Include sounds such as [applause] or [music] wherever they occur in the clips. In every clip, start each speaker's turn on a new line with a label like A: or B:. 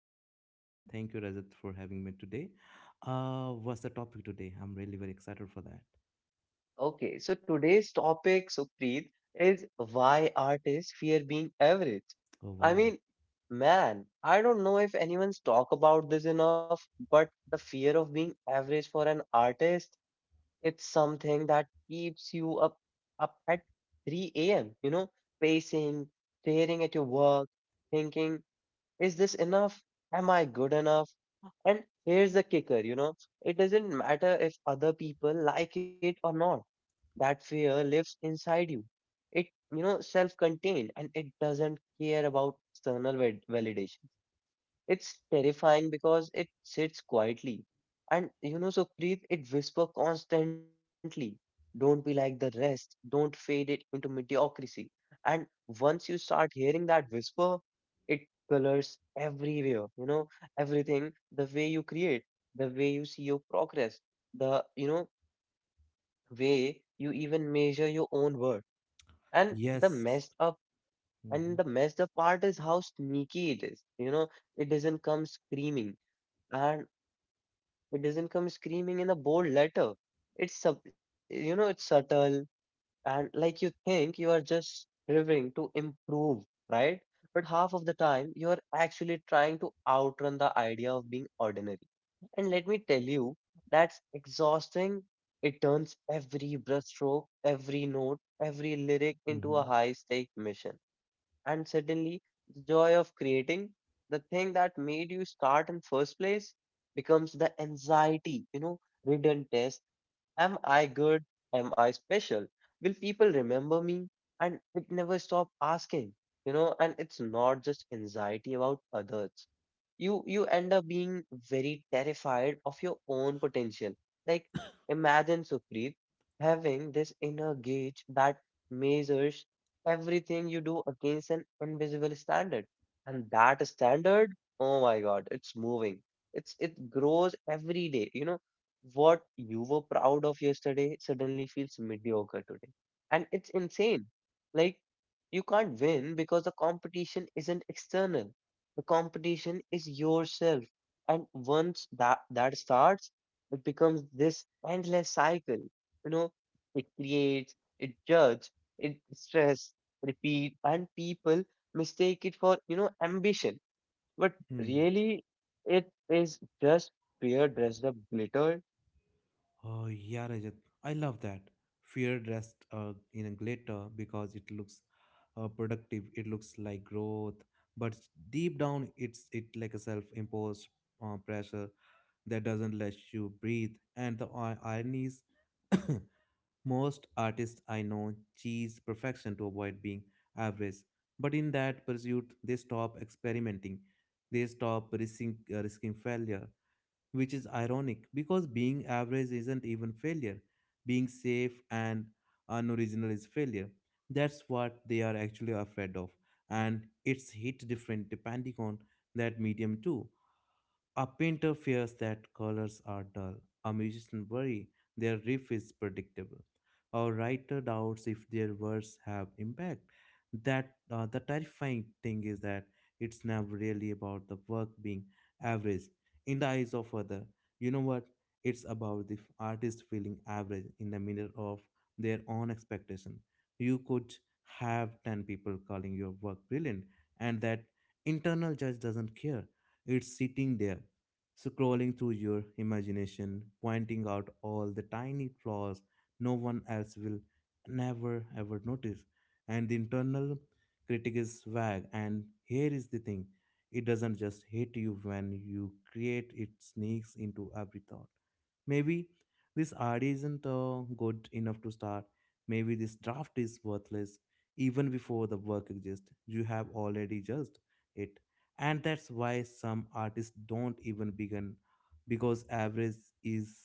A: Sukhpreet, and thank you Rajat for having me today. What's the topic today? I'm really very excited for that.
B: Okay, so today's topic, Supreet, is why artists fear being average.
A: Oh
B: I
A: wow!
B: mean, man, I don't know if anyone's talk about this enough, but the fear of being average for an artist, it's something that keeps you up at 3 a.m., pacing, staring at your work, thinking. Is this enough? Am I good enough? And here's the kicker, it doesn't matter if other people like it or not. That fear lives inside you. It, self-contained, and it doesn't care about external validation. It's terrifying because it sits quietly. And so Supreet, it whispers constantly. Don't be like the rest. Don't fade it into mediocrity. And once you start hearing that whisper, it colors everywhere, everything, the way you create, the way you see your progress, the, way you even measure your own worth. And the messed
A: Yes.
B: up and
A: Mm-hmm.
B: the messed up part is how sneaky it is. It doesn't come screaming and it doesn't come screaming in a bold letter. It's subtle, and like you think you are just striving to improve, right? But half of the time you are actually trying to outrun the idea of being ordinary. And let me tell you, that's exhausting. It turns every brushstroke, every note, every lyric into
A: Mm-hmm.
B: a high stake mission, and suddenly the joy of creating, the thing that made you start in first place, becomes the anxiety ridden test. Am I good? Am I special? Will people remember me? And it never stop asking, and it's not just anxiety about others. You end up being very terrified of your own potential. Like, imagine Supreet having this inner gauge that measures everything you do against an invisible standard. And that standard, oh my God, it's moving. It grows every day. What you were proud of yesterday suddenly feels mediocre today. And it's insane. Like, you can't win because the competition isn't external. The competition is yourself. And once that starts, it becomes this endless cycle. You know, it creates, it judges, it stress, repeat, and people mistake it for, ambition. But
A: Mm.
B: really, it is just fear dressed up glitter.
A: Oh yeah, Rajat, I love that. Fear dressed in a glitter because it looks productive. It looks like growth, but deep down, it's it like a self-imposed pressure that doesn't let you breathe. And the irony is [coughs] most artists I know chase perfection to avoid being average, but in that pursuit, they stop experimenting. They stop risking failure, which is ironic because being average isn't even failure. Being safe and unoriginal is failure. That's what they are actually afraid of, and it's hit different depending on that medium too. A painter fears that colors are dull. A musician worries their riff is predictable. A writer doubts if their words have impact. That the terrifying thing is that it's never really about the work being average in the eyes of other. You know what? It's about the artist feeling average in the mirror of their own expectation. You could have ten people calling your work brilliant, and that internal judge doesn't care. It's sitting there scrolling through your imagination, pointing out all the tiny flaws no one else will never ever notice. And the internal critic is vague. And here is the thing, it doesn't just hit you when you create, it sneaks into every thought. Maybe this idea isn't good enough to start. Maybe this draft is worthless. Even before the work exists, you have already judged it, and that's why some artists don't even begin because average is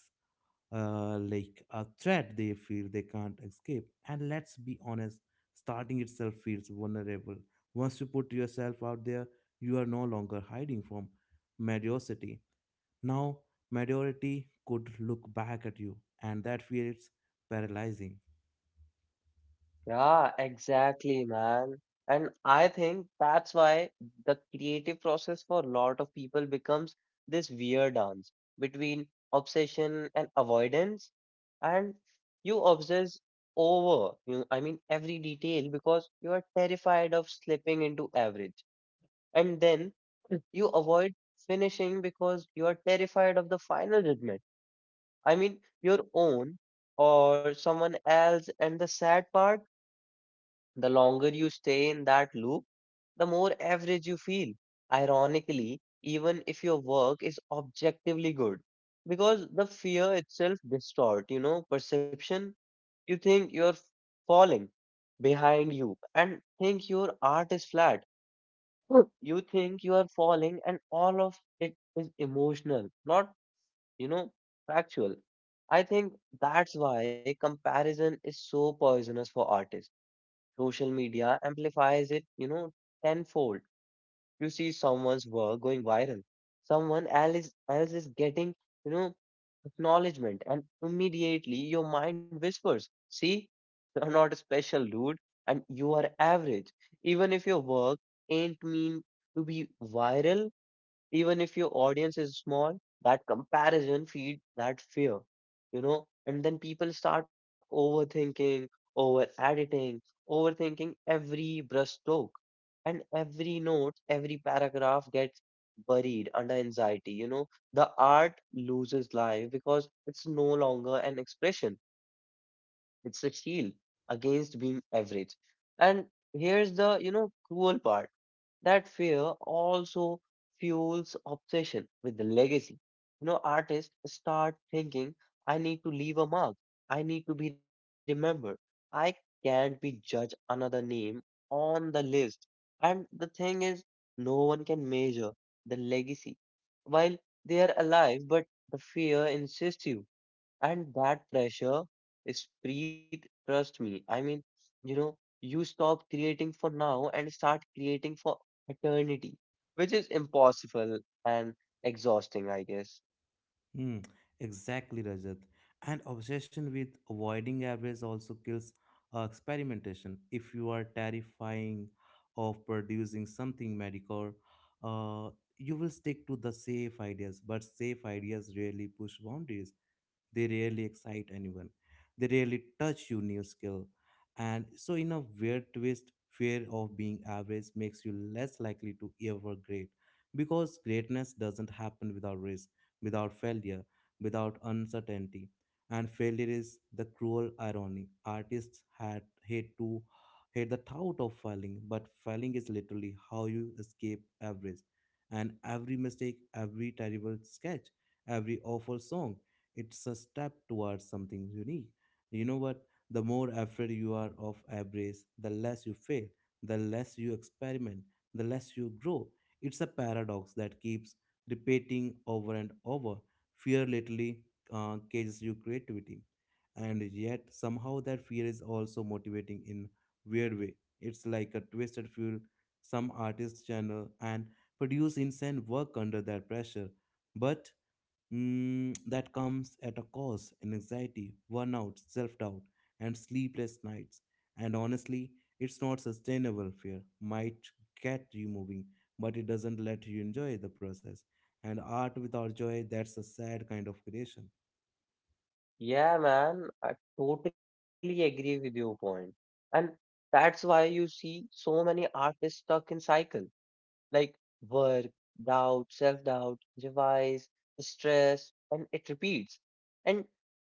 A: like a threat they feel they can't escape. And let's be honest, starting itself feels vulnerable. Once you put yourself out there, you are no longer hiding from mediocrity. Now mediocrity could look back at you, and that fear is paralyzing.
B: Yeah, exactly, man. And I think that's why the creative process for a lot of people becomes this weird dance between obsession and avoidance. And you obsess over, I mean, every detail because you are terrified of slipping into average. And then you avoid finishing because you are terrified of the final judgment. I mean, your own or someone else. And the sad part, the longer you stay in that loop, the more average you feel. Ironically, even if your work is objectively good, because the fear itself distort, perception. You think you're falling behind you and think your art is flat. Hmm. You think you are falling, and all of it is emotional, not, you know, factual. I think that's why comparison is so poisonous for artists. Social media amplifies it, tenfold. You see someone's work going viral. Someone else is getting, you know, acknowledgement, and immediately your mind whispers, see, you're not special, dude, and you are average. Even if your work ain't mean to be viral, even if your audience is small, that comparison feed that fear, and then people start overthinking, over editing, overthinking every brushstroke, and every note, every paragraph gets buried under anxiety. The art loses life because it's no longer an expression, it's a shield against being average. And here's the cruel part, that fear also fuels obsession with the legacy. Artists start thinking, I need to leave a mark. I need to be remembered. I can't be judged another name on the list. And the thing is, no one can measure the legacy while they are alive, but the fear insists you. And that pressure is breathe, trust me. I mean, you stop creating for now and start creating for eternity, which is impossible and exhausting, I guess.
A: Hmm, exactly, Rajat. And obsession with avoiding average also kills experimentation. If you are terrifying of producing something mediocre, uh, you will stick to the safe ideas. But safe ideas rarely push boundaries, they rarely excite anyone, they rarely touch your new skill. And so in a weird twist, fear of being average makes you less likely to ever great because greatness doesn't happen without risk, without failure, without uncertainty. And failure is the cruel irony artists had hate to hate the thought of failing, but failing is literally how you escape average. And every mistake, every terrible sketch, every awful song, it's a step towards something unique. You know what? The more afraid you are of average, the less you fail, the less you experiment, the less you grow. It's a paradox that keeps repeating over and over. Fear literally cages your creativity, and yet somehow that fear is also motivating in weird way. It's like a twisted fuel. Some artists channel and produce insane work under that pressure, but mm, that comes at a cost in anxiety, burnout, self doubt, and sleepless nights. And honestly, it's not sustainable. Fear might get you moving, but it doesn't let you enjoy the process. And art without joy, that's a sad kind of creation.
B: Yeah, man, I totally agree with your point. And that's why you see so many artists stuck in cycle, like work, doubt, self doubt, revise, stress, and it repeats. And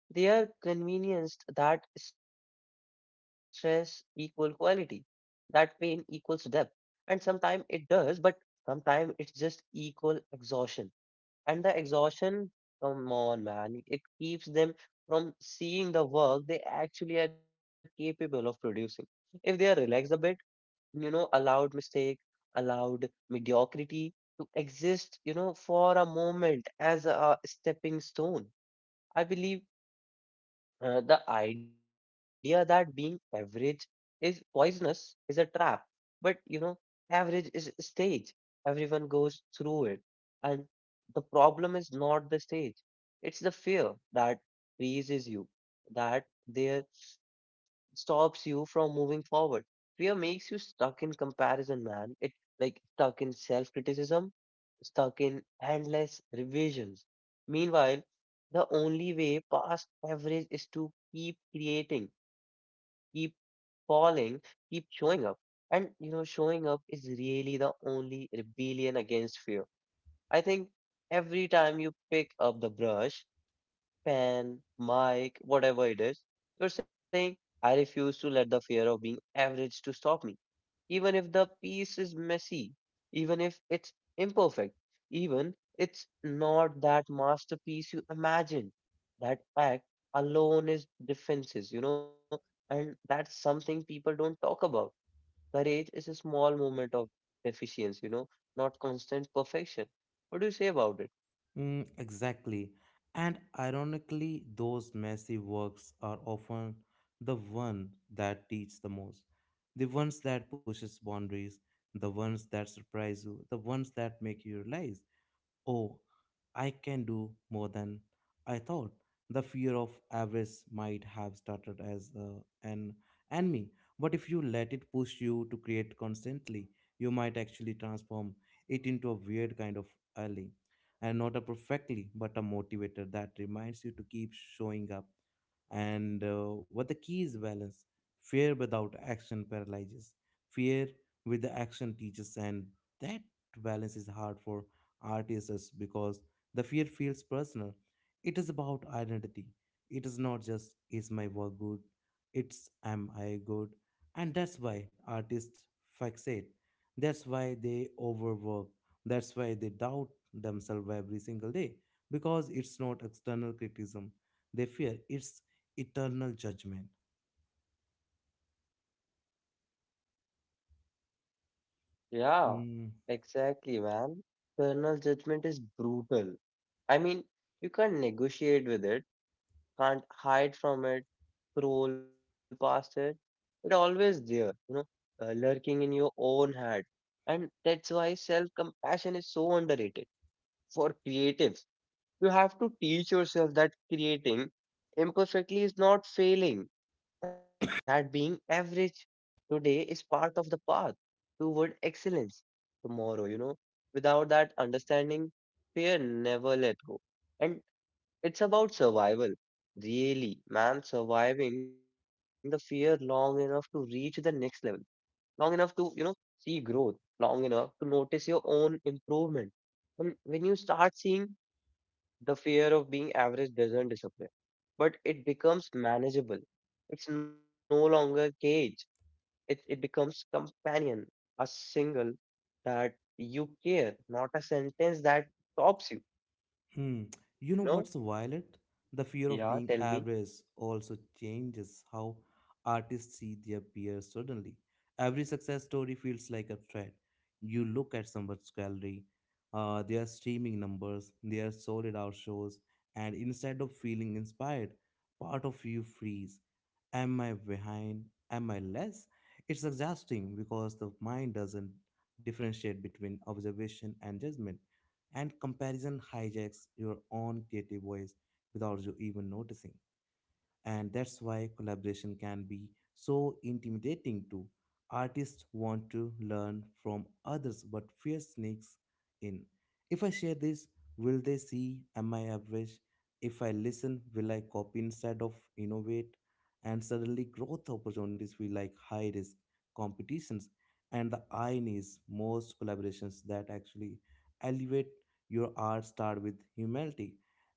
B: they are convinced that stress equals quality, that pain equals depth. And sometimes it does, but sometimes it's just equal exhaustion. And the exhaustion, come on, man, it keeps them from seeing the work they actually are capable of producing. If they are relaxed a bit, allowed mistake, allowed mediocrity to exist, for a moment as a stepping stone. I believe the idea that being average is poisonous is a trap. But average is a stage. Everyone goes through it. And the problem is not the stage, it's the fear that freezes you, that there stops you from moving forward. Fear makes you stuck in comparison, man. It like stuck in self criticism, stuck in endless revisions. Meanwhile, the only way past average is to keep creating, keep falling, keep showing up. And showing up is really the only rebellion against fear. I think every time you pick up the brush, pen, mic, whatever it is, you're saying, I refuse to let the fear of being average to stop me. Even if the piece is messy, even if it's imperfect, even it's not that masterpiece you imagine. That act alone is defenses, and that's something people don't talk about. Courage is a small moment of deficiency, not constant perfection. What do you say about it?
A: Mm, exactly. And ironically, those messy works are often the one that teach the most. The ones that pushes boundaries, the ones that surprise you, the ones that make you realize, oh, I can do more than I thought. The fear of avarice might have started as an enemy, but if you let it push you to create constantly, you might actually transform it into a weird kind of ally. And not a perfectly, but a motivator that reminds you to keep showing up. And what the key is balance. Fear without action paralyzes. Fear with the action teaches, and that balance is hard for artists because the fear feels personal. It is about identity. It is not just is my work good, it's am I good. And that's why artists fixate. That's why they overwork. That's why they doubt themselves every single day because it's not external criticism. They fear it's eternal judgment.
B: Yeah,
A: Mm.
B: exactly, man. Parental judgment is brutal. I mean, you can't negotiate with it, can't hide from it, scroll past it. It's always there, lurking in your own head. And that's why self-compassion is so underrated for creatives. You have to teach yourself that creating imperfectly is not failing, that being average today is part of the path toward excellence tomorrow. Without that understanding, fear never let go. And it's about survival, really, man, surviving the fear long enough to reach the next level, long enough to, see growth, long enough to notice your own improvement. And when you start seeing, the fear of being average doesn't disappear, but it becomes manageable. It's no longer a cage, it becomes companion, a single that you care, not a sentence that stops you.
A: Hmm. You know
B: You
A: what's
B: know?
A: Violet? The fear of
B: Yeah,
A: being
B: tell me.
A: average also changes how artists see their peers suddenly. Every success story feels like a threat. You look at someone's gallery, their streaming numbers, their sold out shows, and instead of feeling inspired, part of you freeze. Am I behind? Am I less? It's exhausting because the mind doesn't differentiate between observation and judgment, and comparison hijacks your own creative voice without you even noticing. And that's why collaboration can be so intimidating too. Artists want to learn from others, but fear sneaks in. If I share this, will they see? Am I average? If I listen, will I copy instead of innovate? And suddenly, growth opportunities feel like high risk competitions. And the irony is, most collaborations that actually elevate your art start with humility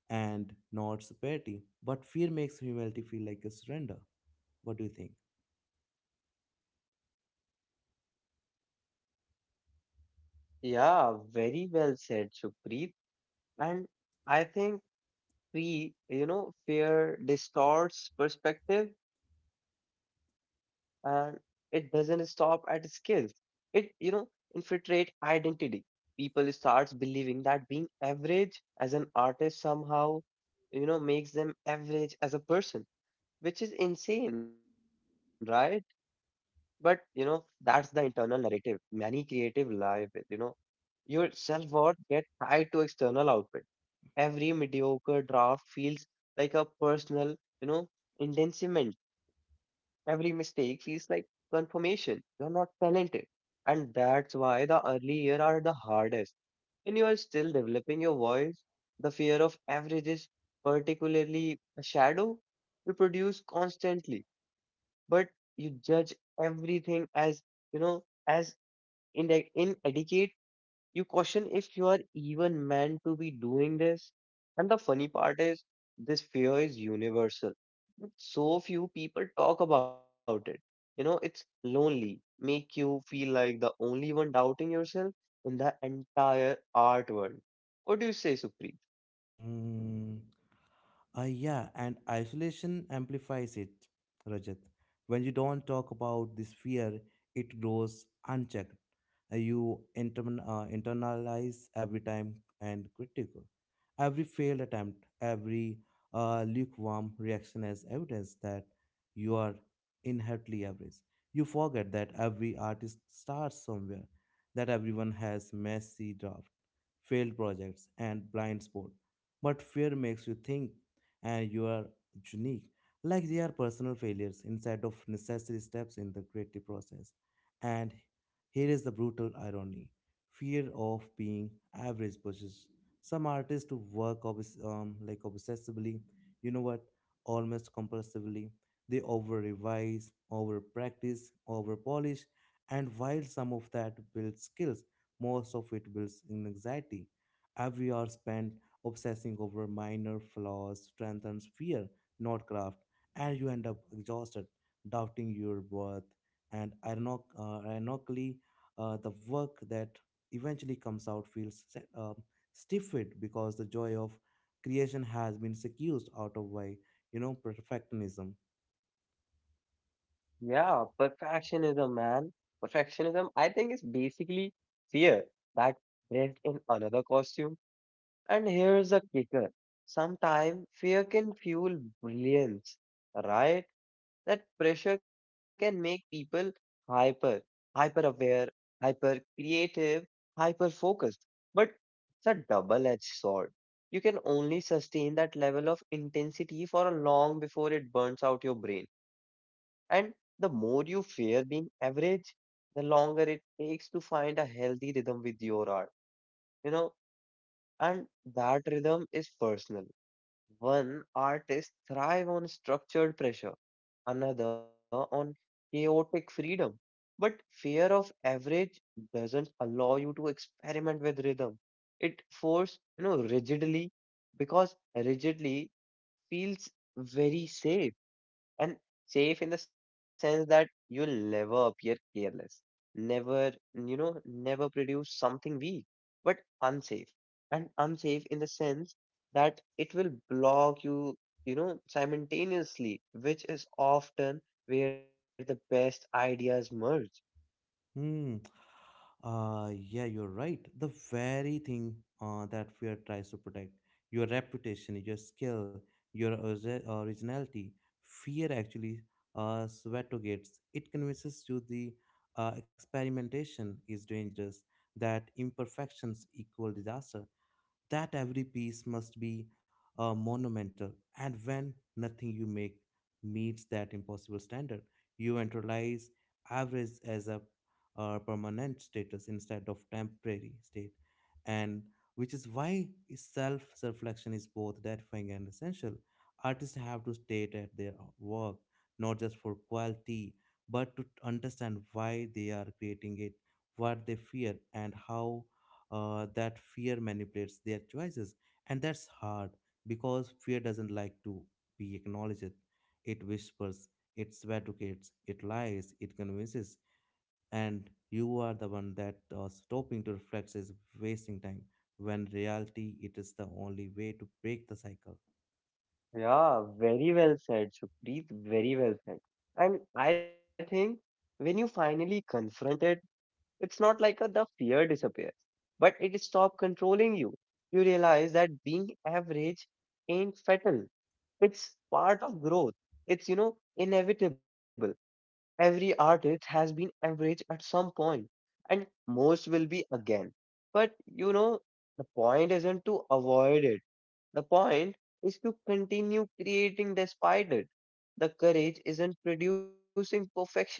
A: and not superiority. But fear makes humanity feel like a surrender. What do you think?
B: Yeah, very well said, Supreet. And I think fear distorts perspective, and it doesn't stop at skills. It, infiltrate identity. People starts believing that being average as an artist somehow, makes them average as a person, which is insane, right? But that's the internal narrative. Many creative live with, your self-worth get tied to external output. Every mediocre draft feels like a personal, you know, indictment. Every mistake feels like confirmation. You're not talented. And that's why the early years are the hardest. When you are still developing your voice, the fear of averages, particularly a shadow, you produce constantly, but you judge everything you know, as inadequate. You question if you are even meant to be doing this. And the funny part is, this fear is universal, but so few people talk about it. It's lonely, make you feel like the only one doubting yourself in the entire art world. What do you say, Supreet?
A: Mm. Yeah, and isolation amplifies it, Rajat. When you don't talk about this fear, it grows unchecked. You internalize every time and critical. Every failed attempt, every lukewarm reaction as evidence that you are inherently average. You forget that every artist starts somewhere, that everyone has messy draft, failed projects, and blind spot. But fear makes you think and you are unique like they are personal failures instead of necessary steps in the creative process. And here is the brutal irony, fear of being average pushes some artists to work like obsessively, you know what, almost compulsively. They over revise, over practice, over polish, and while some of that builds skills, most of it builds in anxiety. Every hour spent obsessing over minor flaws strengthens fear, not craft, and you end up exhausted, doubting your worth. And ironically, the work that eventually comes out feels stifled because the joy of creation has been seduced out of by you know perfectionism.
B: Yeah, perfectionism, man. Perfectionism, I think, is basically fear that dressed in another costume. And here's a kicker. Sometimes fear can fuel brilliance, right? That pressure can make people hyper, hyper aware, hyper creative, hyper focused. But it's a double edged sword. You can only sustain that level of intensity for a long before it burns out your brain. And the more you fear being average, the longer it takes to find a healthy rhythm with your art. You know, and that rhythm is personal. One artist thrive on structured pressure, another on chaotic freedom. But fear of average doesn't allow you to experiment with rhythm. It force rigidly, because rigidly feels very safe, and safe in the sense that you'll never appear careless, never, you know, never produce something weak, but unsafe. And unsafe in the sense that it will block you, simultaneously, which is often where the best ideas merge.
A: Hmm. Yeah, you're right. The very thing that fear tries to protect, your reputation, your skill, your originality. Fear actually suffocates. It convinces you the experimentation is dangerous, that imperfections equal disaster, that every piece must be monumental. And when nothing you make meets that impossible standard, you internalize average as a permanent status instead of temporary state, and which is why self reflection is both gratifying and essential. Artists have to state at their work not just for quality but to understand why they are creating it, what they fear, and how that fear manipulates their choices. And that's hard because fear doesn't like to be acknowledged. It whispers, it advocates, it lies, it convinces, and you are the one that stopping to reflect is wasting time when reality it is the only way to break the cycle.
B: Yeah, very well said, Supreet. Very well said. And I think, when you finally confront it, it's not like the fear disappears, but it stops controlling you. You realize that being average ain't fatal. It's part of growth. It's, inevitable. Every artist has been average at some point, and most will be again. But the point isn't to avoid it. The point is to continue creating despite it. The courage isn't producing perfectionism.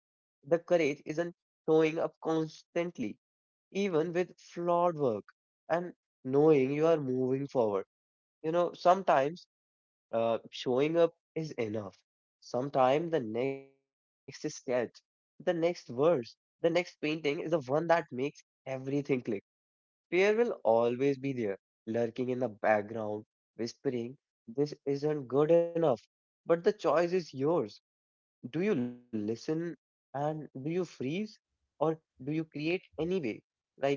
B: The courage isn't showing up constantly, even with flawed work, and knowing you are moving forward. You know, sometimes showing up is enough. Sometimes the next sketch, the next verse, the next painting is the one that makes everything click. Fear will always be there, lurking in the background, whispering, "This isn't good enough." But the choice is yours. Do you listen and do you freeze, or do you create anyway? Like,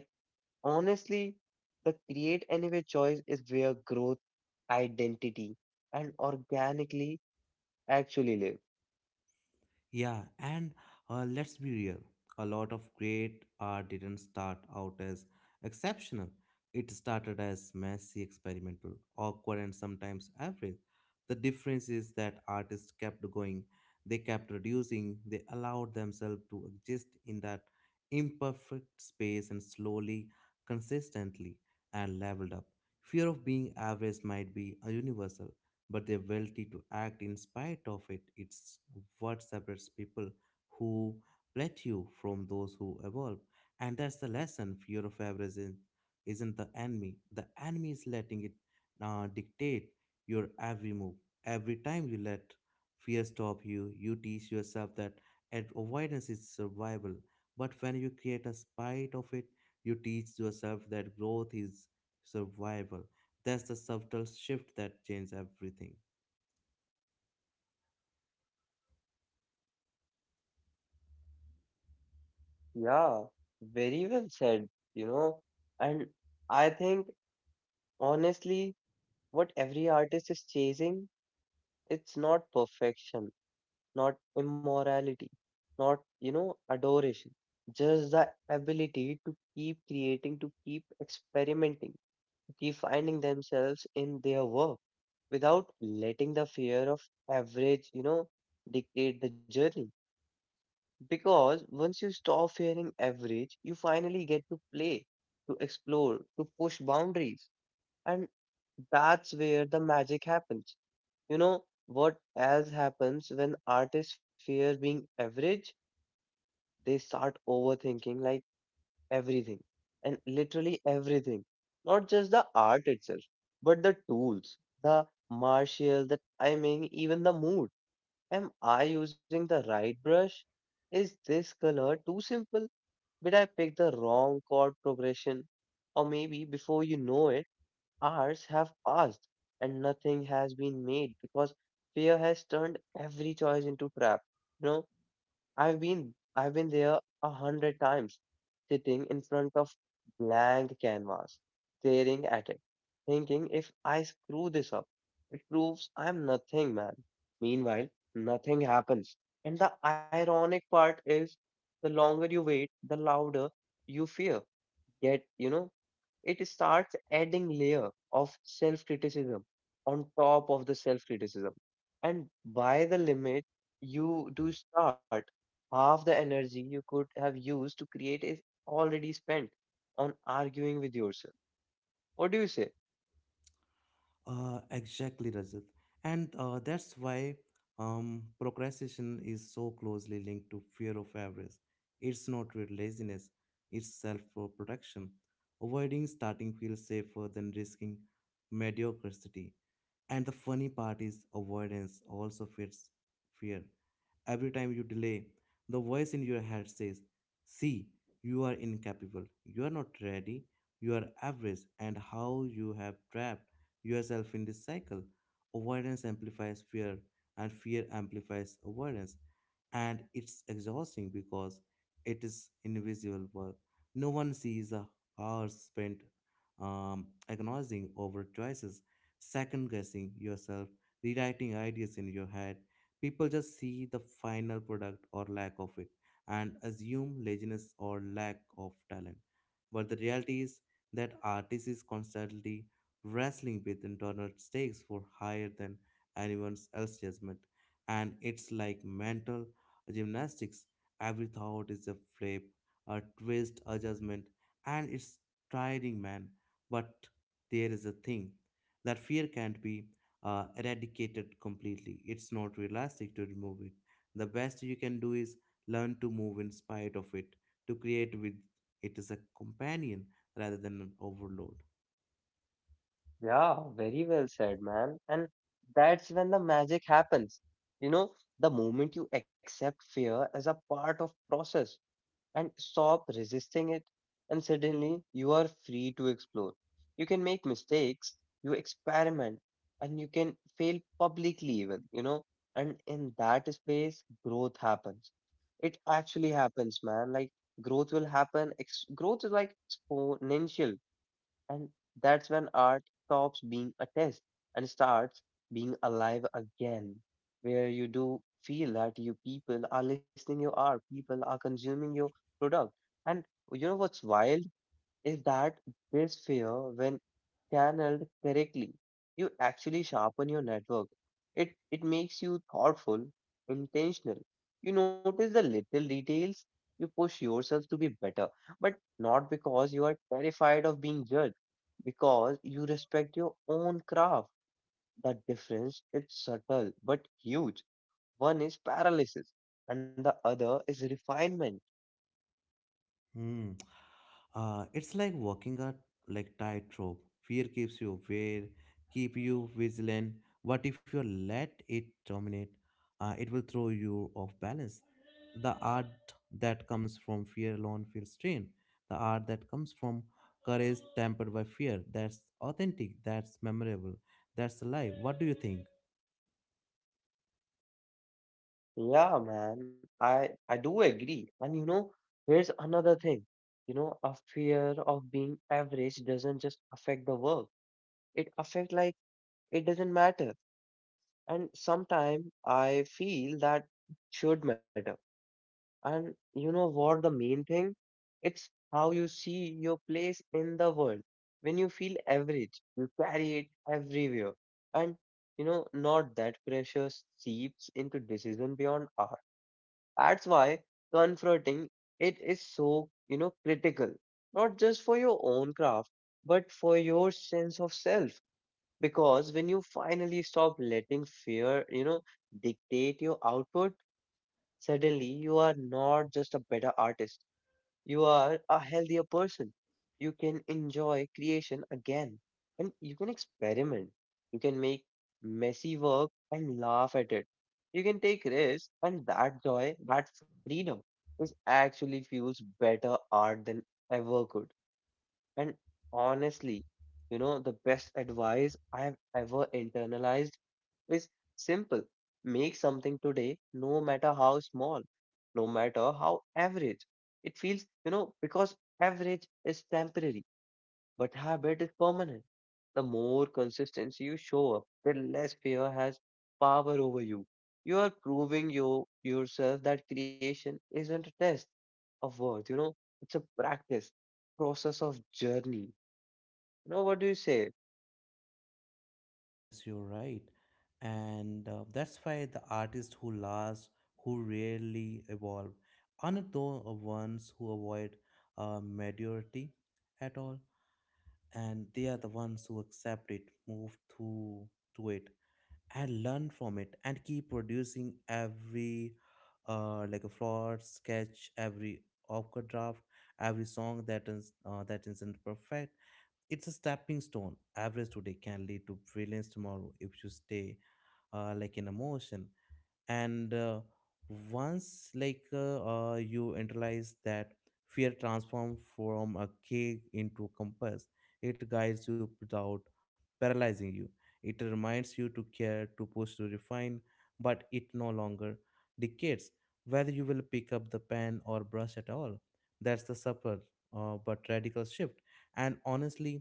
B: honestly, the create anyway choice is where growth, identity, and organically actually live.
A: Yeah, and let's be real. A lot of great art didn't start out as exceptional. It started as messy, experimental, awkward, and sometimes average. The difference is that artists kept going, they kept reducing, they allowed themselves to exist in that imperfect space and slowly, consistently, and leveled up. Fear of being average might be a universal, but their ability to act in spite of it. It's what separates people who plateau from those who evolve. And that's the lesson. Fear of isn't the enemy. The enemy is letting it dictate your every move. Every time you let fear stop you, you teach yourself that avoidance is survival. But when you create a spite of it, you teach yourself that growth is survival. That's the subtle shift that changed everything.
B: Yeah, very well said, you know. And I think, honestly, what every artist is chasing, it's not perfection, not immorality, not, you know, adoration, just the ability to keep creating, to keep experimenting, to keep finding themselves in their work without letting the fear of average, you know, dictate the journey. Because once you stop fearing average, you finally get to play, to explore, to push boundaries. And that's where the magic happens. You know what else happens when artists fear being average? They start overthinking, like everything and literally everything, not just the art itself, but the tools, the martial, the timing, even the mood. Am I using the right brush? Is this color too simple? Did I pick the wrong chord progression? Or maybe before you know it, hours have passed and nothing has been made because fear has turned every choice into trap. You know, I've been there 100 times, sitting in front of blank canvas, staring at it, thinking if I screw this up, it proves I'm nothing, man. Meanwhile, nothing happens. And the ironic part is the longer you wait, the louder you fear. Yet, you know, it starts adding layer of self-criticism on top of the self-criticism. And by the limit, you do start half the energy you could have used to create is already spent on arguing with yourself. What do you say?
A: Exactly, Rajat. And that's why procrastination is so closely linked to fear of avarice. It's not real laziness, it's self protection. Avoiding starting feels safer than risking mediocrity. And the funny part is, avoidance also fits fear. Every time you delay, the voice in your head says, see, you are incapable, you are not ready, you are average, and how you have trapped yourself in this cycle. Avoidance amplifies fear, and fear amplifies avoidance, and it's exhausting because it is invisible work. No one sees the hours spent agonizing over choices, second guessing yourself, rewriting ideas in your head. People just see the final product or lack of it and assume laziness or lack of talent. But the reality is that artist is constantly wrestling with internal stakes for higher than anyone else's judgment. And it's like mental gymnastics. Every thought is a flip, a twist, a judgment, and it's tiring, man. But there is a thing that fear can't be eradicated completely. It's not realistic to remove it. The best you can do is learn to move in spite of it, to create with it as a companion rather than an overload.
B: Yeah, very well said, man. And that's when the magic happens. You know, the moment you accept fear as a part of process and stop resisting it. And suddenly you are free to explore. You can make mistakes, you experiment, and you can fail publicly, even, you know. And in that space, growth happens. It actually happens, man. Like, growth will happen. Growth is like exponential. And that's when art stops being a test and starts being alive again, where you do feel that you people are listening, you are, people are consuming your product. And you know what's wild? Is that this fear, when channeled correctly, you actually sharpen your network. It makes you thoughtful, intentional. You notice the little details. You push yourself to be better, but not because you are terrified of being judged, because you respect your own craft. The difference is subtle but huge. One is paralysis, and the other is refinement.
A: Hmm. It's like walking a like tightrope. Fear keeps you aware, keep you vigilant. But if you let it dominate, it will throw you off balance. The art that comes from fear alone feels strained. The art that comes from courage tempered by fear. That's authentic. That's memorable. That's alive. What do you think?
B: Yeah, man, I do agree. And you know, here's another thing. You know, a fear of being average doesn't just affect the work. It affects, like, it doesn't matter. And sometimes I feel that should matter. And you know what the main thing? It's how you see your place in the world. When you feel average, you carry it everywhere. And you know, not that pressure seeps into decision beyond, that's why confronting it is so, you know, critical, not just for your own craft, but for your sense of self. Because when you finally stop letting fear, you know, dictate your output, suddenly you are not just a better artist, you are a healthier person. You can enjoy creation again and you can experiment. You can make messy work and laugh at it. You can take risks, and that joy, that freedom is actually fuels better art than ever could. And honestly, you know, the best advice I have ever internalized is simple. Make something today, no matter how small, no matter how average. It feels, you know, because average is temporary, but habit is permanent. The more consistency you show up, the less fear has power over you. You are proving you yourself that creation isn't a test of worth, you know, it's a practice, process of journey. You know what do you say?
A: Yes, you're right. And that's why the artists who last, who rarely evolve, aren't the ones who avoid mediocrity at all. And they are the ones who accept it, move through to it, and learn from it, and keep producing every like a flawed sketch, every awkward draft, every song that is that isn't perfect, it's a stepping stone. Average today can lead to brilliance tomorrow if you stay like in a motion, and once you internalize that fear transform from a cage into compass. It guides you without paralyzing you. It reminds you to care, to push, to refine, but it no longer dictates whether you will pick up the pen or brush at all. That's the subtle but radical shift, and honestly,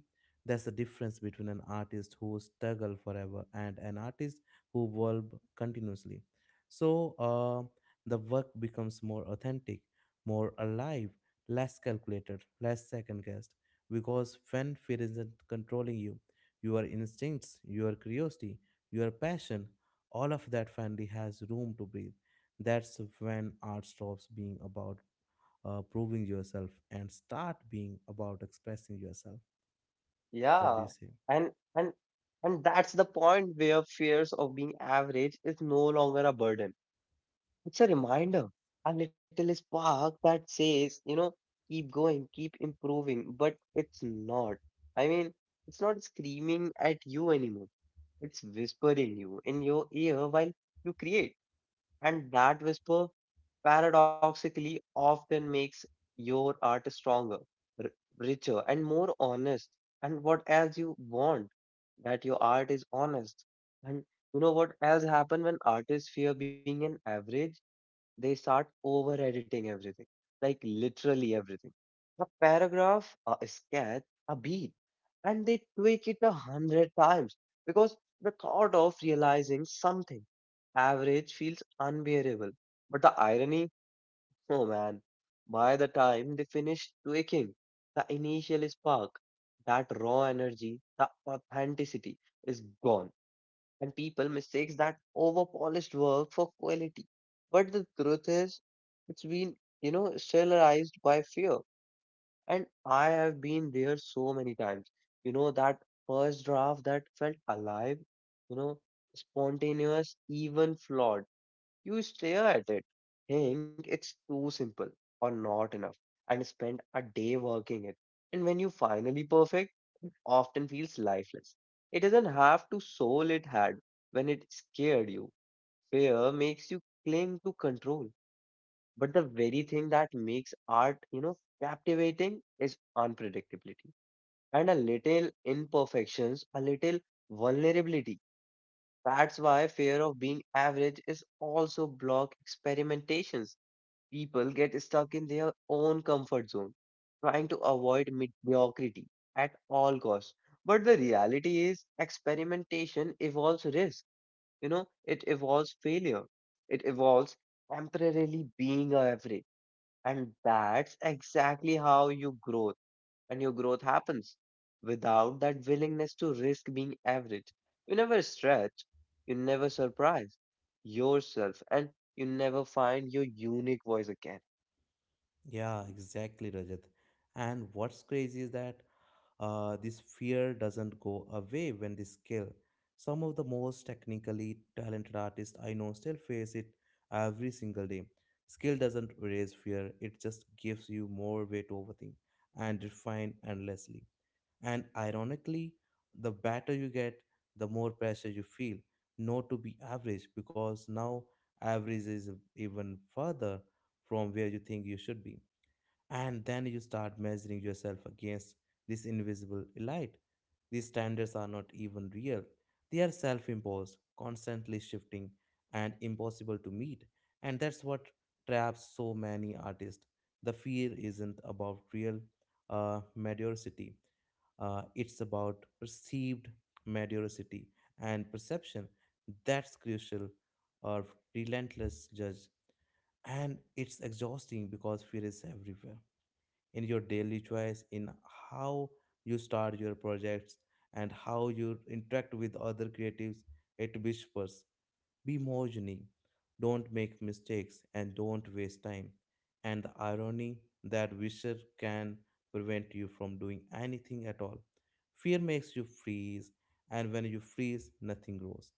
A: that's the difference between an artist who struggle forever and an artist who evolve continuously. So the work becomes more authentic, more alive, less calculated, less second guessed. Because when fear isn't controlling you, your instincts, your curiosity, your passion, all of that finally has room to breathe. That's when art stops being about proving yourself and start being about expressing yourself. What do
B: Yeah,
A: you say?
B: and and and that's the point where fears of being average is no longer a burden. It's a reminder, a little spark that says, you know, keep going, keep improving. But it's not. I mean, it's not screaming at you anymore. It's whispering you in your ear while you create. And that whisper paradoxically often makes your art stronger, r- richer, and more honest. And what else you want that your art is honest? And you know what else happen when artists fear being an average? They start over editing everything, like literally everything. A paragraph, a sketch, a beat, and they tweak it 100 times because the thought of realizing something average feels unbearable. But the irony, oh man, by the time they finish tweaking, the initial spark, that raw energy, the authenticity is gone, and people mistakes that over polished work for quality. But the truth is, it's been, you know, sterilized by fear. And I have been there so many times. You know, that first draft that felt alive, you know, spontaneous, even flawed. You stare at it, think it's too simple or not enough, and spend a day working it. And when you finally perfect, it often feels lifeless. It doesn't have to soul it had when it scared you. Fear makes you cling to control. But the very thing that makes art, you know, captivating is unpredictability and a little imperfections, a little vulnerability. That's why fear of being average is also block experimentations. People get stuck in their own comfort zone, trying to avoid mediocrity at all costs. But the reality is experimentation evolves risk. You know, it evolves failure. It evolves temporarily being average. And that's exactly how you grow and your growth happens. Without that willingness to risk being average, you never stretch, you never surprise yourself, and you never find your unique voice again.
A: Yeah, exactly, Rajat. And what's crazy is that this fear doesn't go away when they scale. Some of the most technically talented artists I know still face it every single day. Skill doesn't erase fear, it just gives you more way to overthink and refine endlessly. And ironically, the better you get, the more pressure you feel not to be average, because now average is even further from where you think you should be, and then you start measuring yourself against this invisible elite. These standards are not even real, they are self imposed, constantly shifting, and impossible to meet. And that's what traps so many artists. The fear isn't about real mediocrity, it's about perceived mediocrity and perception. That's crucial, or relentless judge. And it's exhausting because fear is everywhere, in your daily choice, in how you start your projects and how you interact with other creatives. At whispers, be more unique. Don't make mistakes and don't waste time. And the irony, that wisher can prevent you from doing anything at all. Fear makes you freeze, and when you freeze, nothing grows.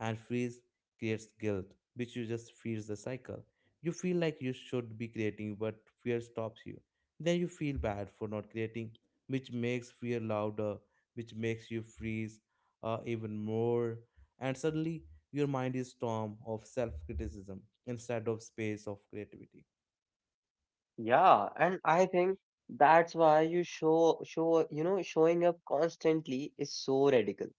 A: And freeze creates guilt, which you just feeds the cycle. You feel like you should be creating, but fear stops you. Then you feel bad for not creating, which makes fear louder, which makes you freeze even more. And suddenly your mind is storm of self-criticism instead of space of creativity.
B: Yeah, and I think that's why you show you know showing up constantly is so radical.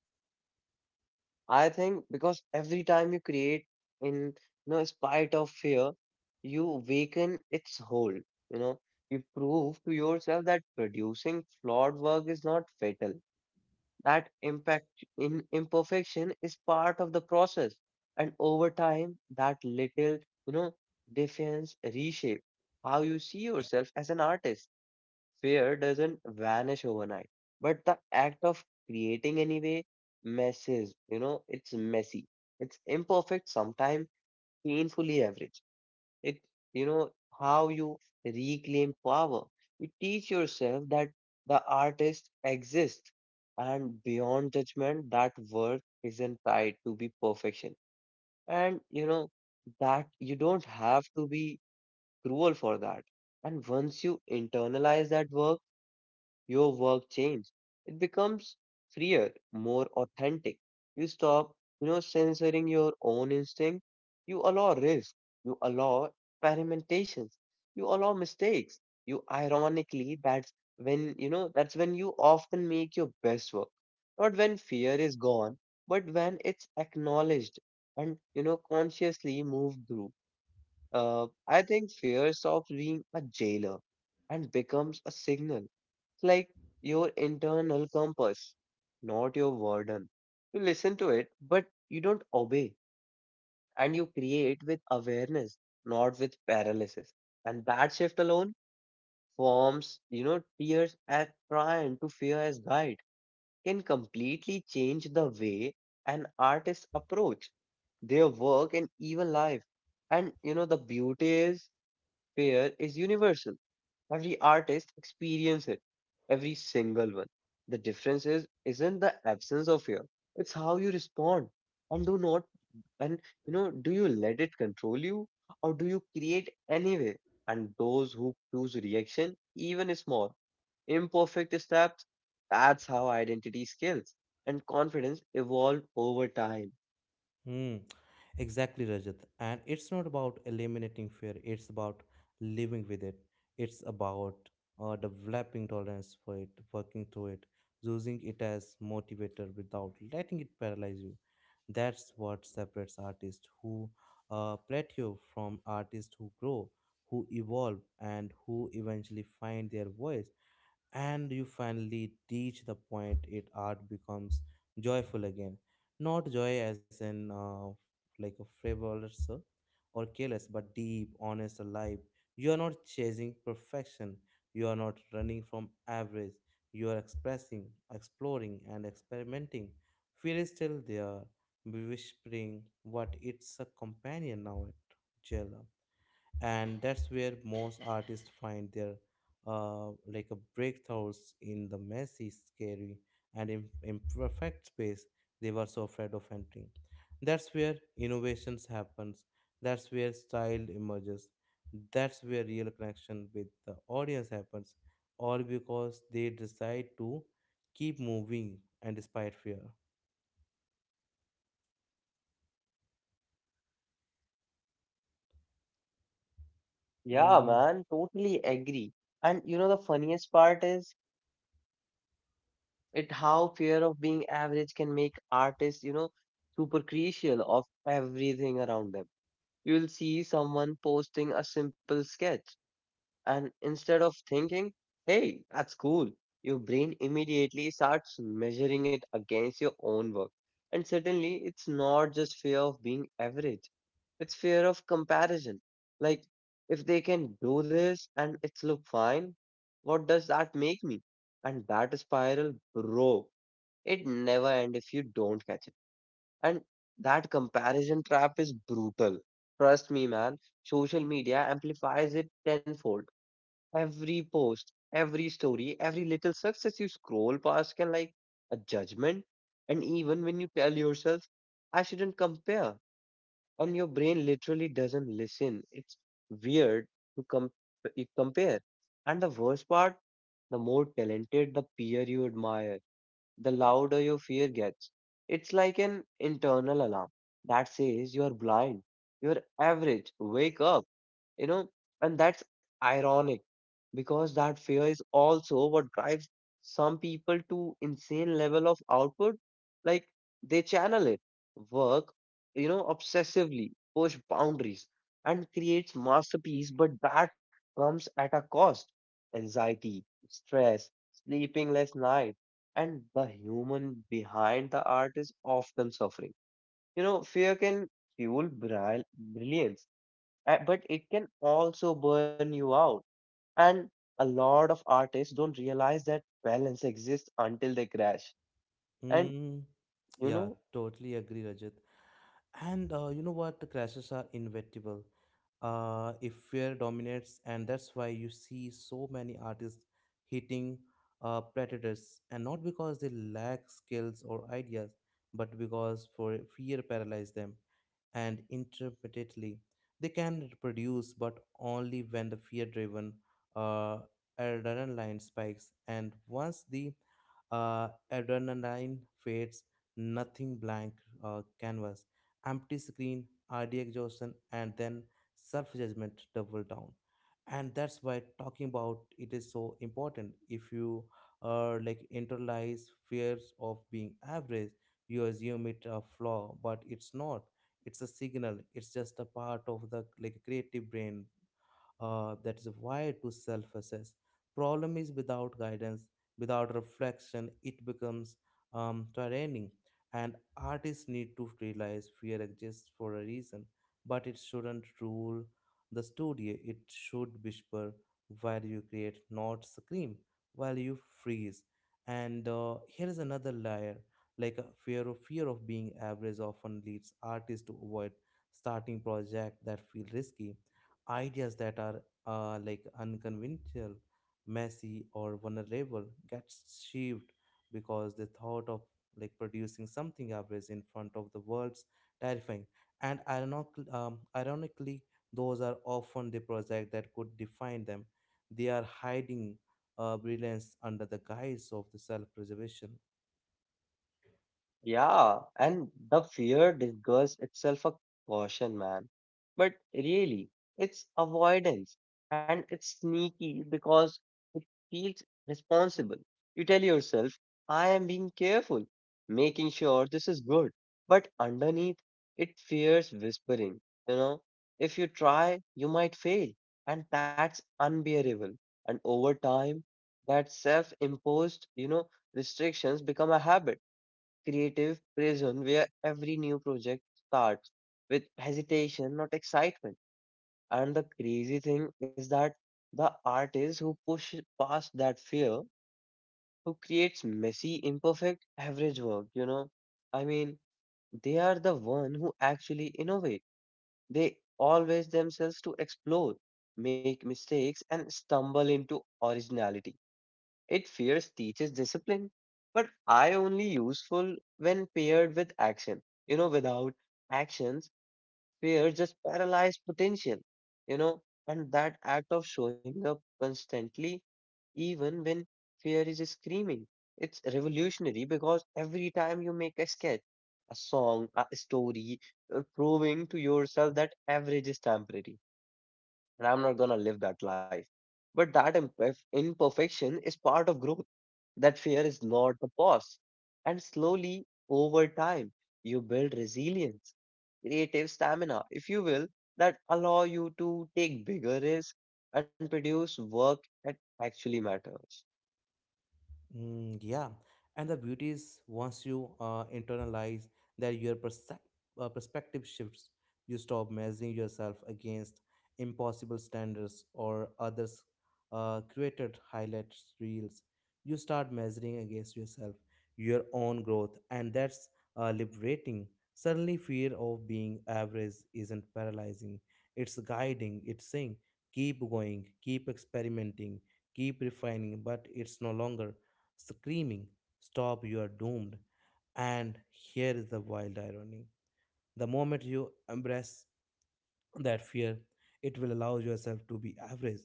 B: I think because every time you create in, you know, spite of fear, you weaken its hold. You know, you prove to yourself that producing flawed work is not fatal. That impact in imperfection is part of the process. And over time, that little, you know, defiance reshape how you see yourself as an artist. Fear doesn't vanish overnight, but the act of creating anyway messes, you know, it's messy. It's imperfect, sometimes painfully average. It, you know, how you reclaim power. You teach yourself that the artist exists and beyond judgment, that work isn't tied to be perfection. And, you know, that you don't have to be cruel for that. And once you internalize that work, your work changes. It becomes freer, more authentic. You stop, you know, censoring your own instinct. You allow risk. You allow experimentations. You allow mistakes. You ironically, that's when, you know, that's when you often make your best work. Not when fear is gone, but when it's acknowledged and, you know, consciously moved through. I think fear stops being a jailer and becomes a signal. It's like your internal compass, not your warden. You listen to it, but you don't obey, and you create with awareness, not with paralysis. And that shift alone forms, you know, tears as trying to fear as guide can completely change the way an artist approach their work and even life. And you know, the beauty is fear is universal. Every artist experience it, every single one. The difference is isn't the absence of fear; it's how you respond and do not and you know do you let it control you or do you create anyway? And those who choose reaction, even small, imperfect steps, that's how identity skills and confidence evolve over time.
A: Hmm. Exactly, Rajat. And it's not about eliminating fear, it's about living with it. It's about developing tolerance for it, working through it, using it as motivator without letting it paralyze you. That's what separates artists who plateau from artists who grow, who evolve, and who eventually find their voice. And you finally reach the point it art becomes joyful again, not joy as in like a frivolous or careless, but deep, honest, alive. You are not chasing perfection, you are not running from average, you are expressing, exploring, and experimenting. Fear is still there, whispering, but it's a companion now, at jailer. And that's where most artists find their like a breakthroughs, in the messy, scary, and imperfect space they were so afraid of entering. That's where innovations happens, that's where style emerges, that's where real connection with the audience happens, all because they decide to keep moving and despite fear.
B: Yeah,
A: Hmm.
B: man, totally agree. And you know the funniest part is it how fear of being average can make artists, you know, super crucial of everything around them. You will see someone posting a simple sketch, and instead of thinking, hey, that's cool, your brain immediately starts measuring it against your own work. And suddenly it's not just fear of being average, it's fear of comparison. Like, if they can do this and it's look fine, what does that make me? And that spiral, bro, it never ends if you don't catch it. And that comparison trap is brutal. Trust me, man. Social media amplifies it tenfold. Every post, every story, every little success you scroll past can like a judgment. And even when you tell yourself, I shouldn't compare, and your brain literally doesn't listen. It's weird to compare. And the worst part, the more talented the peer you admire, the louder your fear gets. It's like an internal alarm that says you are blind, you are average, wake up, you know and that's ironic because that fear is also what drives some people to insane level of output, like they channel it, work, obsessively push boundaries and creates masterpiece, but that comes at a cost: anxiety, stress, sleeping less night, and the human behind the art is often suffering. You know, fear can fuel brilliance, but it can also burn you out. And a lot of artists don't realize that balance exists until they crash. And
A: Mm,
B: you
A: yeah,
B: know,
A: totally agree, Rajat. And you know what? The crashes are inevitable. If fear dominates, and that's why you see so many artists hitting predators, and not because they lack skills or ideas, but because for fear paralyzed them and intermittently. They can reproduce, but only when the fear driven uh, adrenaline spikes. And once the adrenaline fades, nothing, blank canvas, empty screen, RD exhaustion, and then self judgment double down. And that's why talking about it is so important. If you are like internalize fears of being average, you assume it a flaw, but it's not, it's a signal, it's just a part of the like creative brain that is why to self-assess. Problem is without guidance, without reflection, it becomes tyranny. And artists need to realize fear exists for a reason, but it shouldn't rule the studio. It should whisper while you create, not scream while you freeze. And here is another layer, like a fear of being average often leads artists to avoid starting projects that feel risky, ideas that are like unconventional, messy, or vulnerable get shelved because the thought of like producing something average in front of the world's terrifying. And ironically, those are often the project that could define them. They are hiding brilliance under the guise of the self-preservation.
B: yeah, and the fear disguises itself a caution, man. But really, it's avoidance, and it's sneaky because it feels responsible. You tell yourself, I am being careful, making sure this is good. But underneath, it fears whispering, you know, if you try, you might fail. And that's unbearable. And over time, that self-imposed, you know, restrictions become a habit, creative prison where every new project starts with hesitation, not excitement. And the crazy thing is that the artists who push past that fear, who creates messy, imperfect, average work, you know, I mean, they are the one who actually innovate. They always themselves to explore, make mistakes, and stumble into originality. It fears teaches discipline, but I only useful when paired with action. You know, without actions, fear just paralyzes potential. You know, and that act of showing up constantly, even when fear is screaming, it's revolutionary because every time you make a sketch, a song, a story, you're proving to yourself that average is temporary, and I'm not gonna live that life. But that imperfection is part of growth, that fear is not the boss. And slowly, over time, you build resilience, creative stamina, if you will, that allow you to take bigger risks and produce work that actually matters.
A: Mm, yeah, and the beauty is once you internalize that your perspective shifts, you stop measuring yourself against impossible standards or others' created highlights reels. You start measuring against yourself, your own growth, and that's liberating. Suddenly, fear of being average isn't paralyzing. It's guiding. It's saying, keep going, keep experimenting, keep refining, but it's no longer screaming, stop, you are doomed. And here is the wild irony, the moment you embrace that fear, it will allow yourself to be average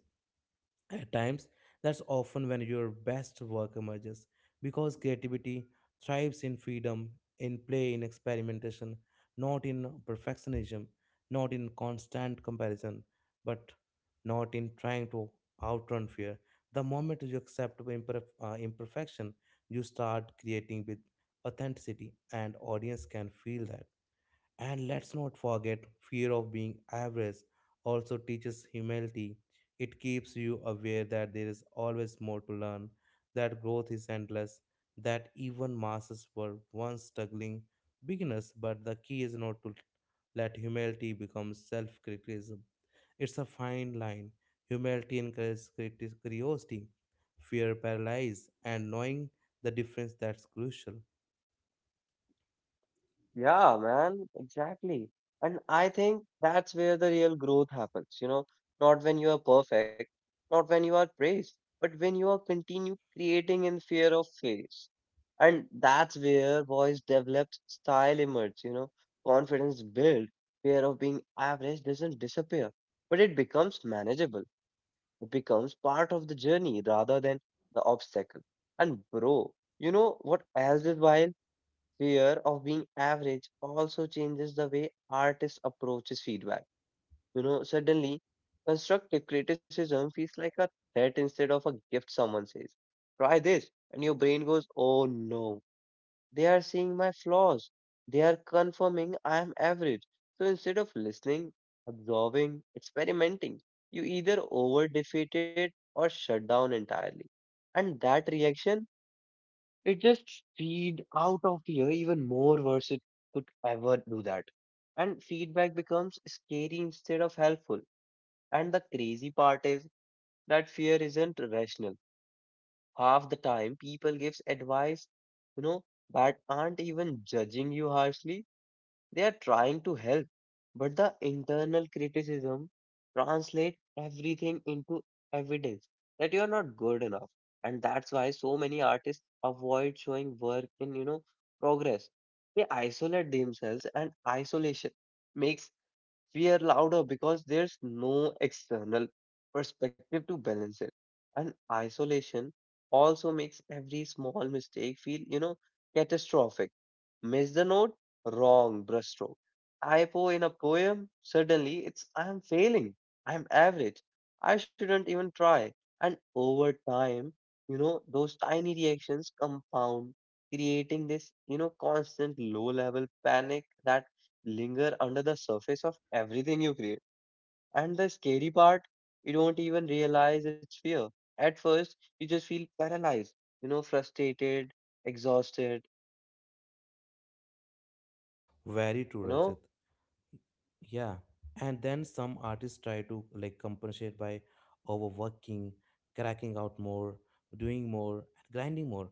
A: at times, that's often when your best work emerges because creativity thrives in freedom, in play, in experimentation, not in perfectionism, not in constant comparison, but not in trying to outrun fear. The moment you accept imperfection, you start creating with authenticity, and audience can feel that. And let's not forget, fear of being average also teaches humility. It keeps you aware that there is always more to learn, that growth is endless, that even masses were once struggling beginners, but the key is not to let humility become self criticism. It's a fine line. Humility encourages curiosity, fear paralyzes, and knowing the difference, that's crucial.
B: Yeah, man, exactly. And I think that's where the real growth happens, you know, not when you are perfect, not when you are praised, but when you are continue creating in fear of failures. And that's where voice develops, style emerges, you know, confidence build, fear of being average doesn't disappear, but it becomes manageable. It becomes part of the journey rather than the obstacle. And bro, you know what else is wild? Fear of being average also changes the way artists approaches feedback. You know, suddenly constructive criticism feels like a threat instead of a gift. Someone says, try this, and your brain goes, oh no, they are seeing my flaws. They are confirming I am average. So instead of listening, absorbing, experimenting, you either over defeat it or shut down entirely. And that reaction, it just feed out of here even more worse it could ever do that. And feedback becomes scary instead of helpful. And the crazy part is that fear isn't rational. Half the time people gives advice, you know, that aren't even judging you harshly. They are trying to help, but the internal criticism translate everything into evidence that you are not good enough. And that's why so many artists avoid showing work in, you know, progress. They isolate themselves, and isolation makes fear louder because there's no external perspective to balance it. And isolation also makes every small mistake feel, you know, catastrophic. Miss the note, wrong brushstroke, typo in a poem, suddenly it's I'm failing, I'm average, I shouldn't even try. And over time, you know, those tiny reactions compound, creating this, you know, constant low level panic that linger under the surface of everything you create. And the scary part, you don't even realize it's fear. At first, you just feel paralyzed, you know, frustrated, exhausted,
A: Very true,
B: you know.
A: Rajat. Yeah, and then some artists try to like compensate by overworking, cracking out more, doing more, and grinding more.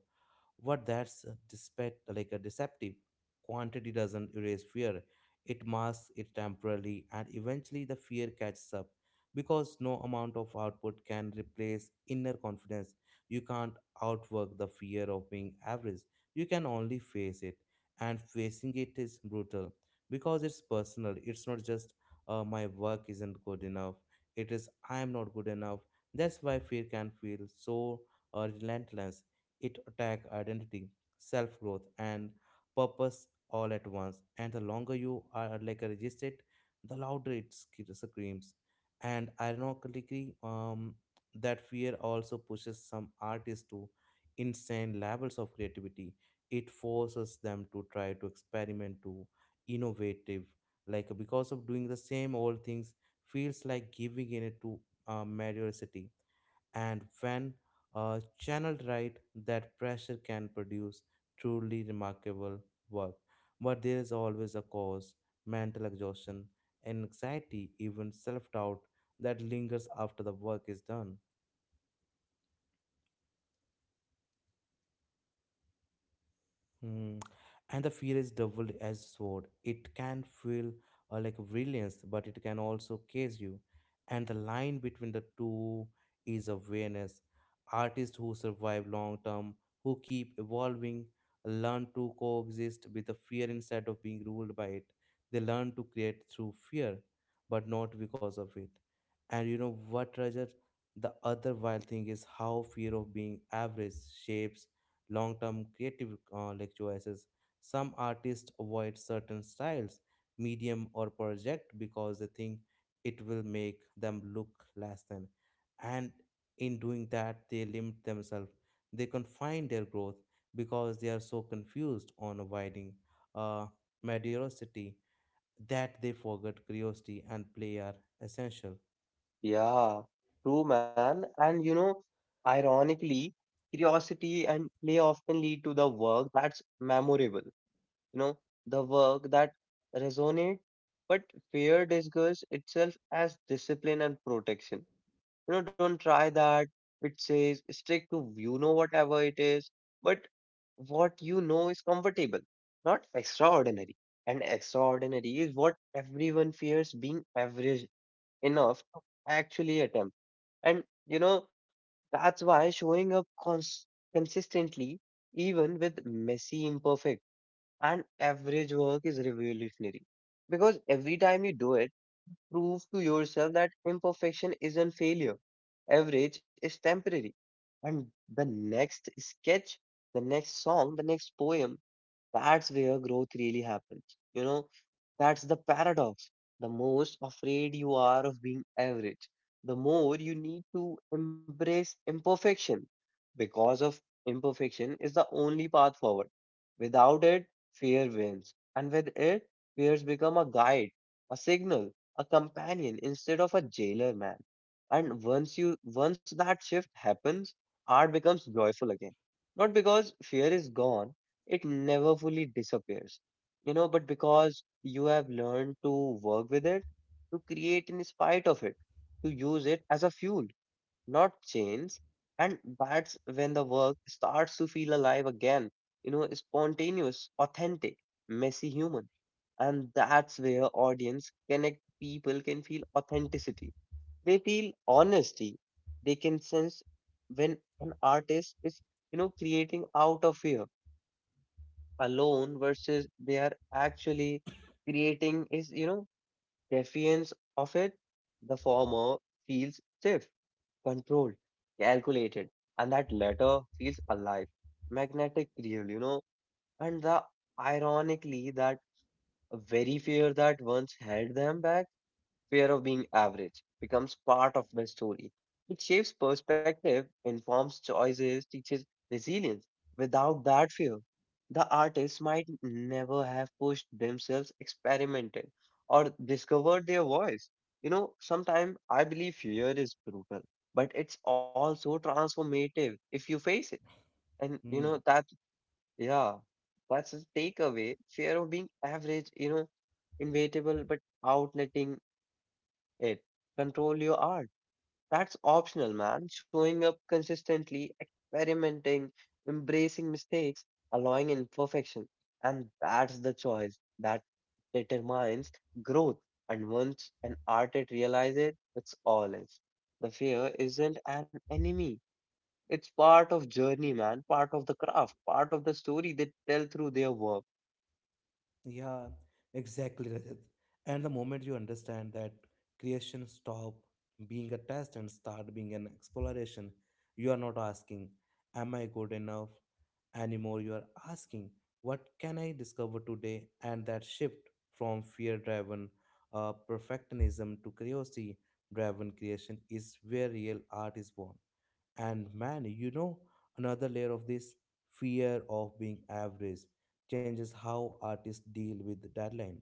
A: What that's despite like a deceptive. Quantity doesn't erase fear. It masks it temporarily and eventually the fear catches up because no amount of output can replace inner confidence. You can't outwork the fear of being average. You can only face it. And facing it is brutal because it's personal. It's not just my work isn't good enough. It is I am not good enough. That's why fear can feel so relentless, it attack identity, self growth, and purpose all at once. And the longer you are like resist it, the louder it screams. And that fear also pushes some artists to insane levels of creativity. It forces them to try to experiment, to innovative. Like because of doing the same old things, feels like giving in it to mediocrity, and when channeled right, that pressure can produce truly remarkable work. But there is always a cause, mental exhaustion, anxiety, even self doubt that lingers after the work is done. Hmm. And the fear is doubled as sword. It can feel like brilliance, but it can also case you. And the line between the two is awareness. Artists who survive long term, who keep evolving, learn to coexist with the fear instead of being ruled by it. They learn to create through fear, but not because of it. And you know what, Roger? The other wild thing is how fear of being average shapes long term creative like choices. Some artists avoid certain styles, medium, or project because they think it will make them look less than. And in doing that, they limit themselves. They confine their growth because they are so confused on avoiding uh, mediocrity that they forget curiosity and play are essential.
B: Yeah, true, man. And, you know, ironically, curiosity and play often lead to the work that's memorable, you know, the work that resonates. But fear disguises itself as discipline and protection, you know, don't try that, it says, stick to, you know, whatever it is, but what you know is comfortable, not extraordinary. And extraordinary is what everyone fears being average enough to actually attempt. And you know, that's why showing up consistently, even with messy, imperfect, and average work is revolutionary. Because every time you do it, prove to yourself that imperfection isn't failure. Average is temporary. And the next sketch, the next song, the next poem, that's where growth really happens. You know, that's the paradox. The most afraid you are of being average, the more you need to embrace imperfection, because of imperfection is the only path forward. Without it, fear wins. And with it, fears become a guide, a signal, a companion instead of a jailer, man. And once that shift happens, art becomes joyful again. Not because fear is gone, it never fully disappears, you know, but because you have learned to work with it, to create in spite of it, to use it as a fuel, not chains. And that's when the work starts to feel alive again, you know, spontaneous, authentic, messy, human. And that's where audience connect, people can feel authenticity. They feel honesty. They can sense when an artist is, you know, creating out of fear alone versus they are actually creating is, you know, defiance of it. The former feels safe, controlled, calculated, and that latter feels alive, magnetic, real, you know. And the ironically, that very fear that once held them back, fear of being average, becomes part of my story. It shapes perspective, informs choices, teaches resilience. Without that fear, the artist might never have pushed themselves, experimented, or discovered their voice. You know, sometimes I believe fear is brutal, but it's also transformative if you face it. And you know,
A: Hmm.
B: that, yeah, that's the takeaway. Fear of being average, you know, inevitable, but outletting it, control your art, that's optional, man. Showing up consistently, experimenting, embracing mistakes, allowing imperfection. And that's the choice that determines growth. And once an artist realizes it, it's all is. The fear isn't an enemy. It's part of journey, man, part of the craft, part of the story they tell through their work.
A: Yeah, exactly, Rajat. And the moment you understand that creation stop being a test and start being an exploration, you are not asking, am I good enough anymore? You are asking, what can I discover today? And that shift from fear driven perfectionism to curiosity driven creation is where real art is born. And man, you know, another layer of this, fear of being average changes how artists deal with deadlines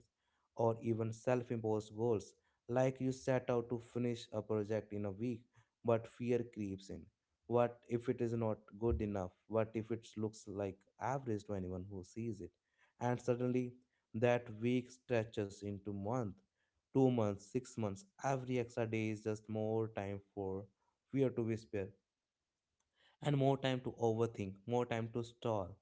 A: or even self imposed goals. Like you set out to finish a project in a week, but fear creeps in. What if it is not good enough? What if it looks like average to anyone who sees it? And suddenly, that week stretches into month, 2 months, 6 months. Every extra day is just more time for fear to whisper and more time to overthink, more time to stall,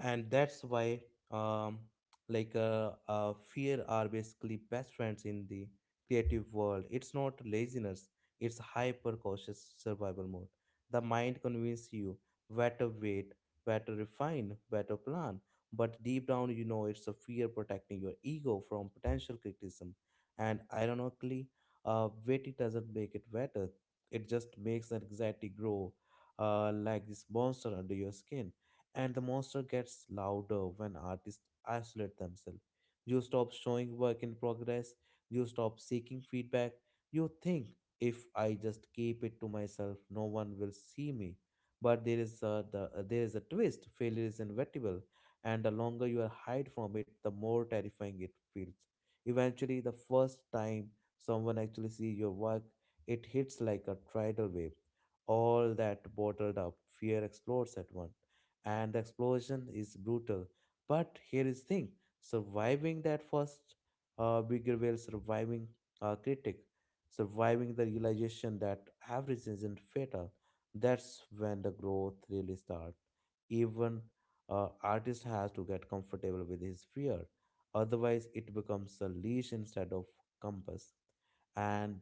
A: and that's why um fear are basically best friends in the creative world. It's not laziness, it's hyper cautious survival mode. The mind convinces you better wait, better refine, better plan, but deep down you know it's a fear protecting your ego from potential criticism. And ironically, waiting doesn't make it better, it just makes anxiety grow, like this monster under your skin. And the monster gets louder when artists isolate themselves. You stop showing work in progress, you stop seeking feedback, you think if I just keep it to myself, no one will see me. But there is a twist: failure is inevitable, and the longer you are hide from it, the more terrifying it feels. Eventually, the first time someone actually sees your work, it hits like a tidal wave. All that bottled up fear explodes at once and the explosion is brutal. But here is thing: surviving that first big reveal, surviving a critic, surviving the realization that average isn't fatal. That's when the growth really starts, even artist has to get comfortable with his fear, otherwise it becomes a leash instead of compass. And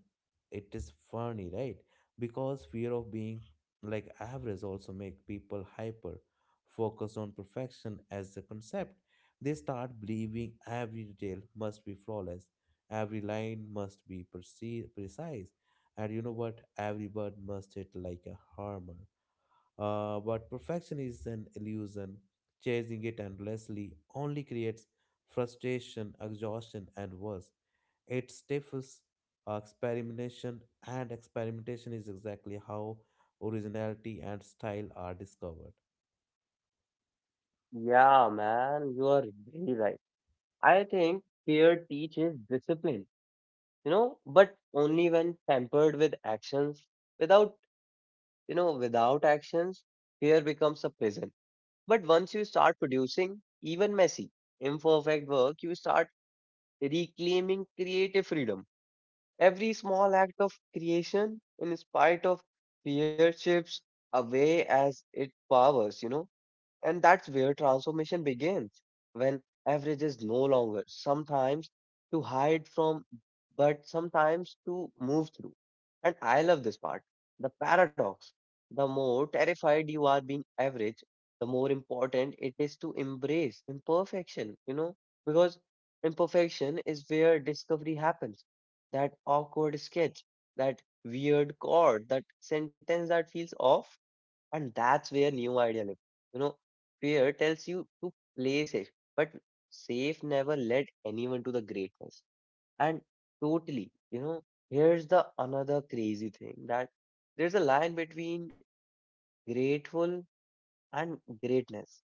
A: it is funny, right? Because fear of being like average also make people hyper focused on perfection as a concept. They start believing every detail must be flawless, every line must be precise, and you know what, every word must hit like a hammer. But perfection is an illusion. Chasing it endlessly only creates frustration, exhaustion, and worse. It stifles experimentation, and experimentation is exactly how originality and style are discovered.
B: Yeah, man, you are very right. I think fear teaches discipline, you know, but only when pampered with actions. Without, you know, without actions, fear becomes a prison. But once you start producing, even messy, imperfect work, you start reclaiming creative freedom. Every small act of creation, in spite of fear, shifts away as it powers, you know, and that's where transformation begins, when average is no longer sometimes to hide from, but sometimes to move through. And I love this part, the paradox. The more terrified you are being average, the more important it is to embrace imperfection, you know, because imperfection is where discovery happens. That awkward sketch, that weird chord, that sentence that feels off, and that's where new idea live. You know, fear tells you to play safe, but safe never led anyone to the greatness. And totally, you know, here's the another crazy thing that there's a line between grateful and greatness.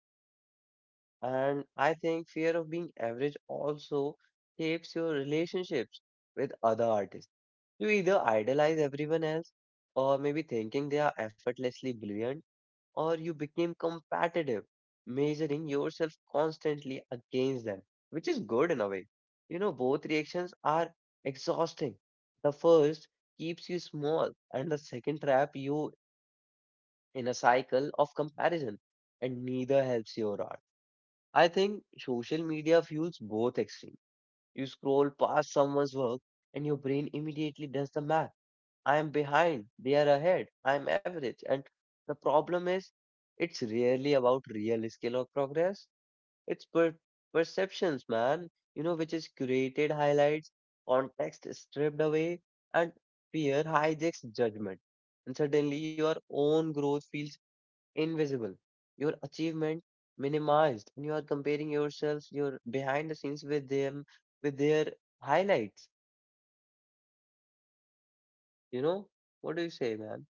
B: And I think fear of being average also shapes your relationships with other artists. You either idolize everyone else, or maybe thinking they are effortlessly brilliant, or you became competitive, measuring yourself constantly against them, which is good in a way. You know, both reactions are exhausting. The first keeps you small, and the second trap you in a cycle of comparison, and neither helps your art. I think social media fuels both extremes. You scroll past someone's work, and your brain immediately does the math: I am behind, they are ahead, I am average. And the problem is, it's rarely about real skill or progress. It's perceptions, man, you know, which is curated highlights, context stripped away, and fear hijacks judgment. And suddenly, your own growth feels invisible, your achievement minimized, and you are comparing yourselves, your behind the scenes with them, with their highlights. You know, what do you say, man?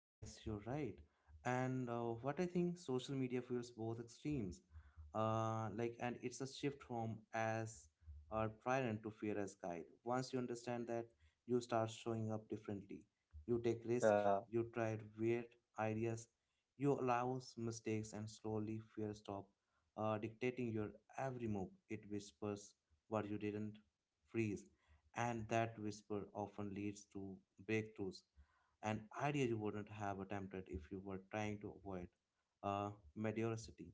A: Yes, you're right. And what I think social media fuels both extremes. Like, and it's a shift from as our tyrant to fear as guide. Once you understand that, you start showing up differently. You take risks,
B: Yeah.
A: you try weird ideas, you allow mistakes, and slowly fear stop dictating your every move. It whispers what you didn't freeze, and that whisper often leads to breakthroughs and ideas you wouldn't have attempted if you were trying to avoid uh, mediocrity.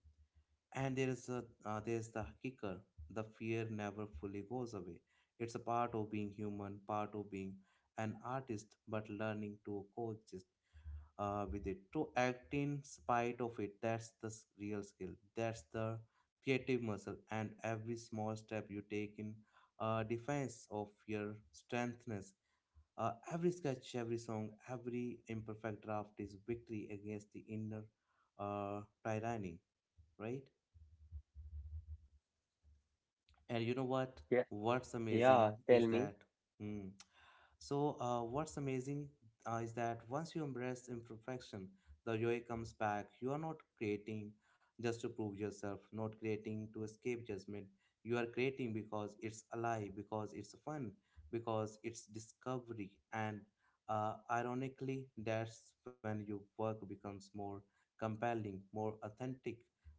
A: And there is the kicker: the fear never fully goes away. It's a part of being human, part of being an artist, but learning to coexist with it, to act in spite of it. Real skill. That's the creative muscle, and every small step you take in defense of your strengthness, every sketch, every song, every imperfect draft is victory against the inner tyranny, right? And you know what? What's
B: Yeah,
A: amazing
B: tell
A: is
B: me.
A: that. Hmm. So, what's amazing is that once you embrace imperfection, the joy comes back. You are not creating just to prove yourself, not creating to escape judgment. You are creating because it's alive, because it's fun, because it's discovery. And ironically, that's when your work becomes more compelling, more authentic,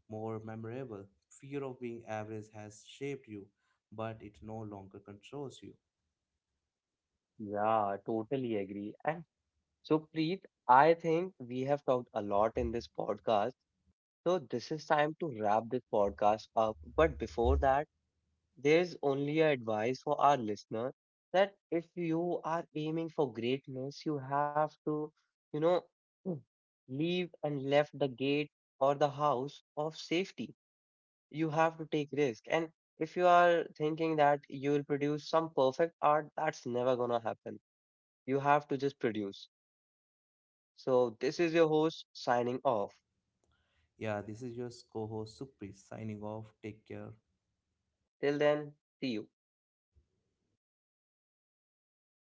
A: more memorable. Fear of being average has shaped you, but it no longer controls you.
B: Yeah, totally agree. And so, Preet, I think we have talked a lot in this podcast. So, this is time to wrap this podcast up. But before that, there's only a advice for our listener that if you are aiming for greatness, you have to, you know, leave and left the gate or the house of safety, you have to take risk, and if you are thinking that you will produce some perfect art, that's never gonna happen. You have to just produce. So this is your host signing off.
A: Yeah, this is your co host Supreet signing off. Take care.
B: Till then, see you.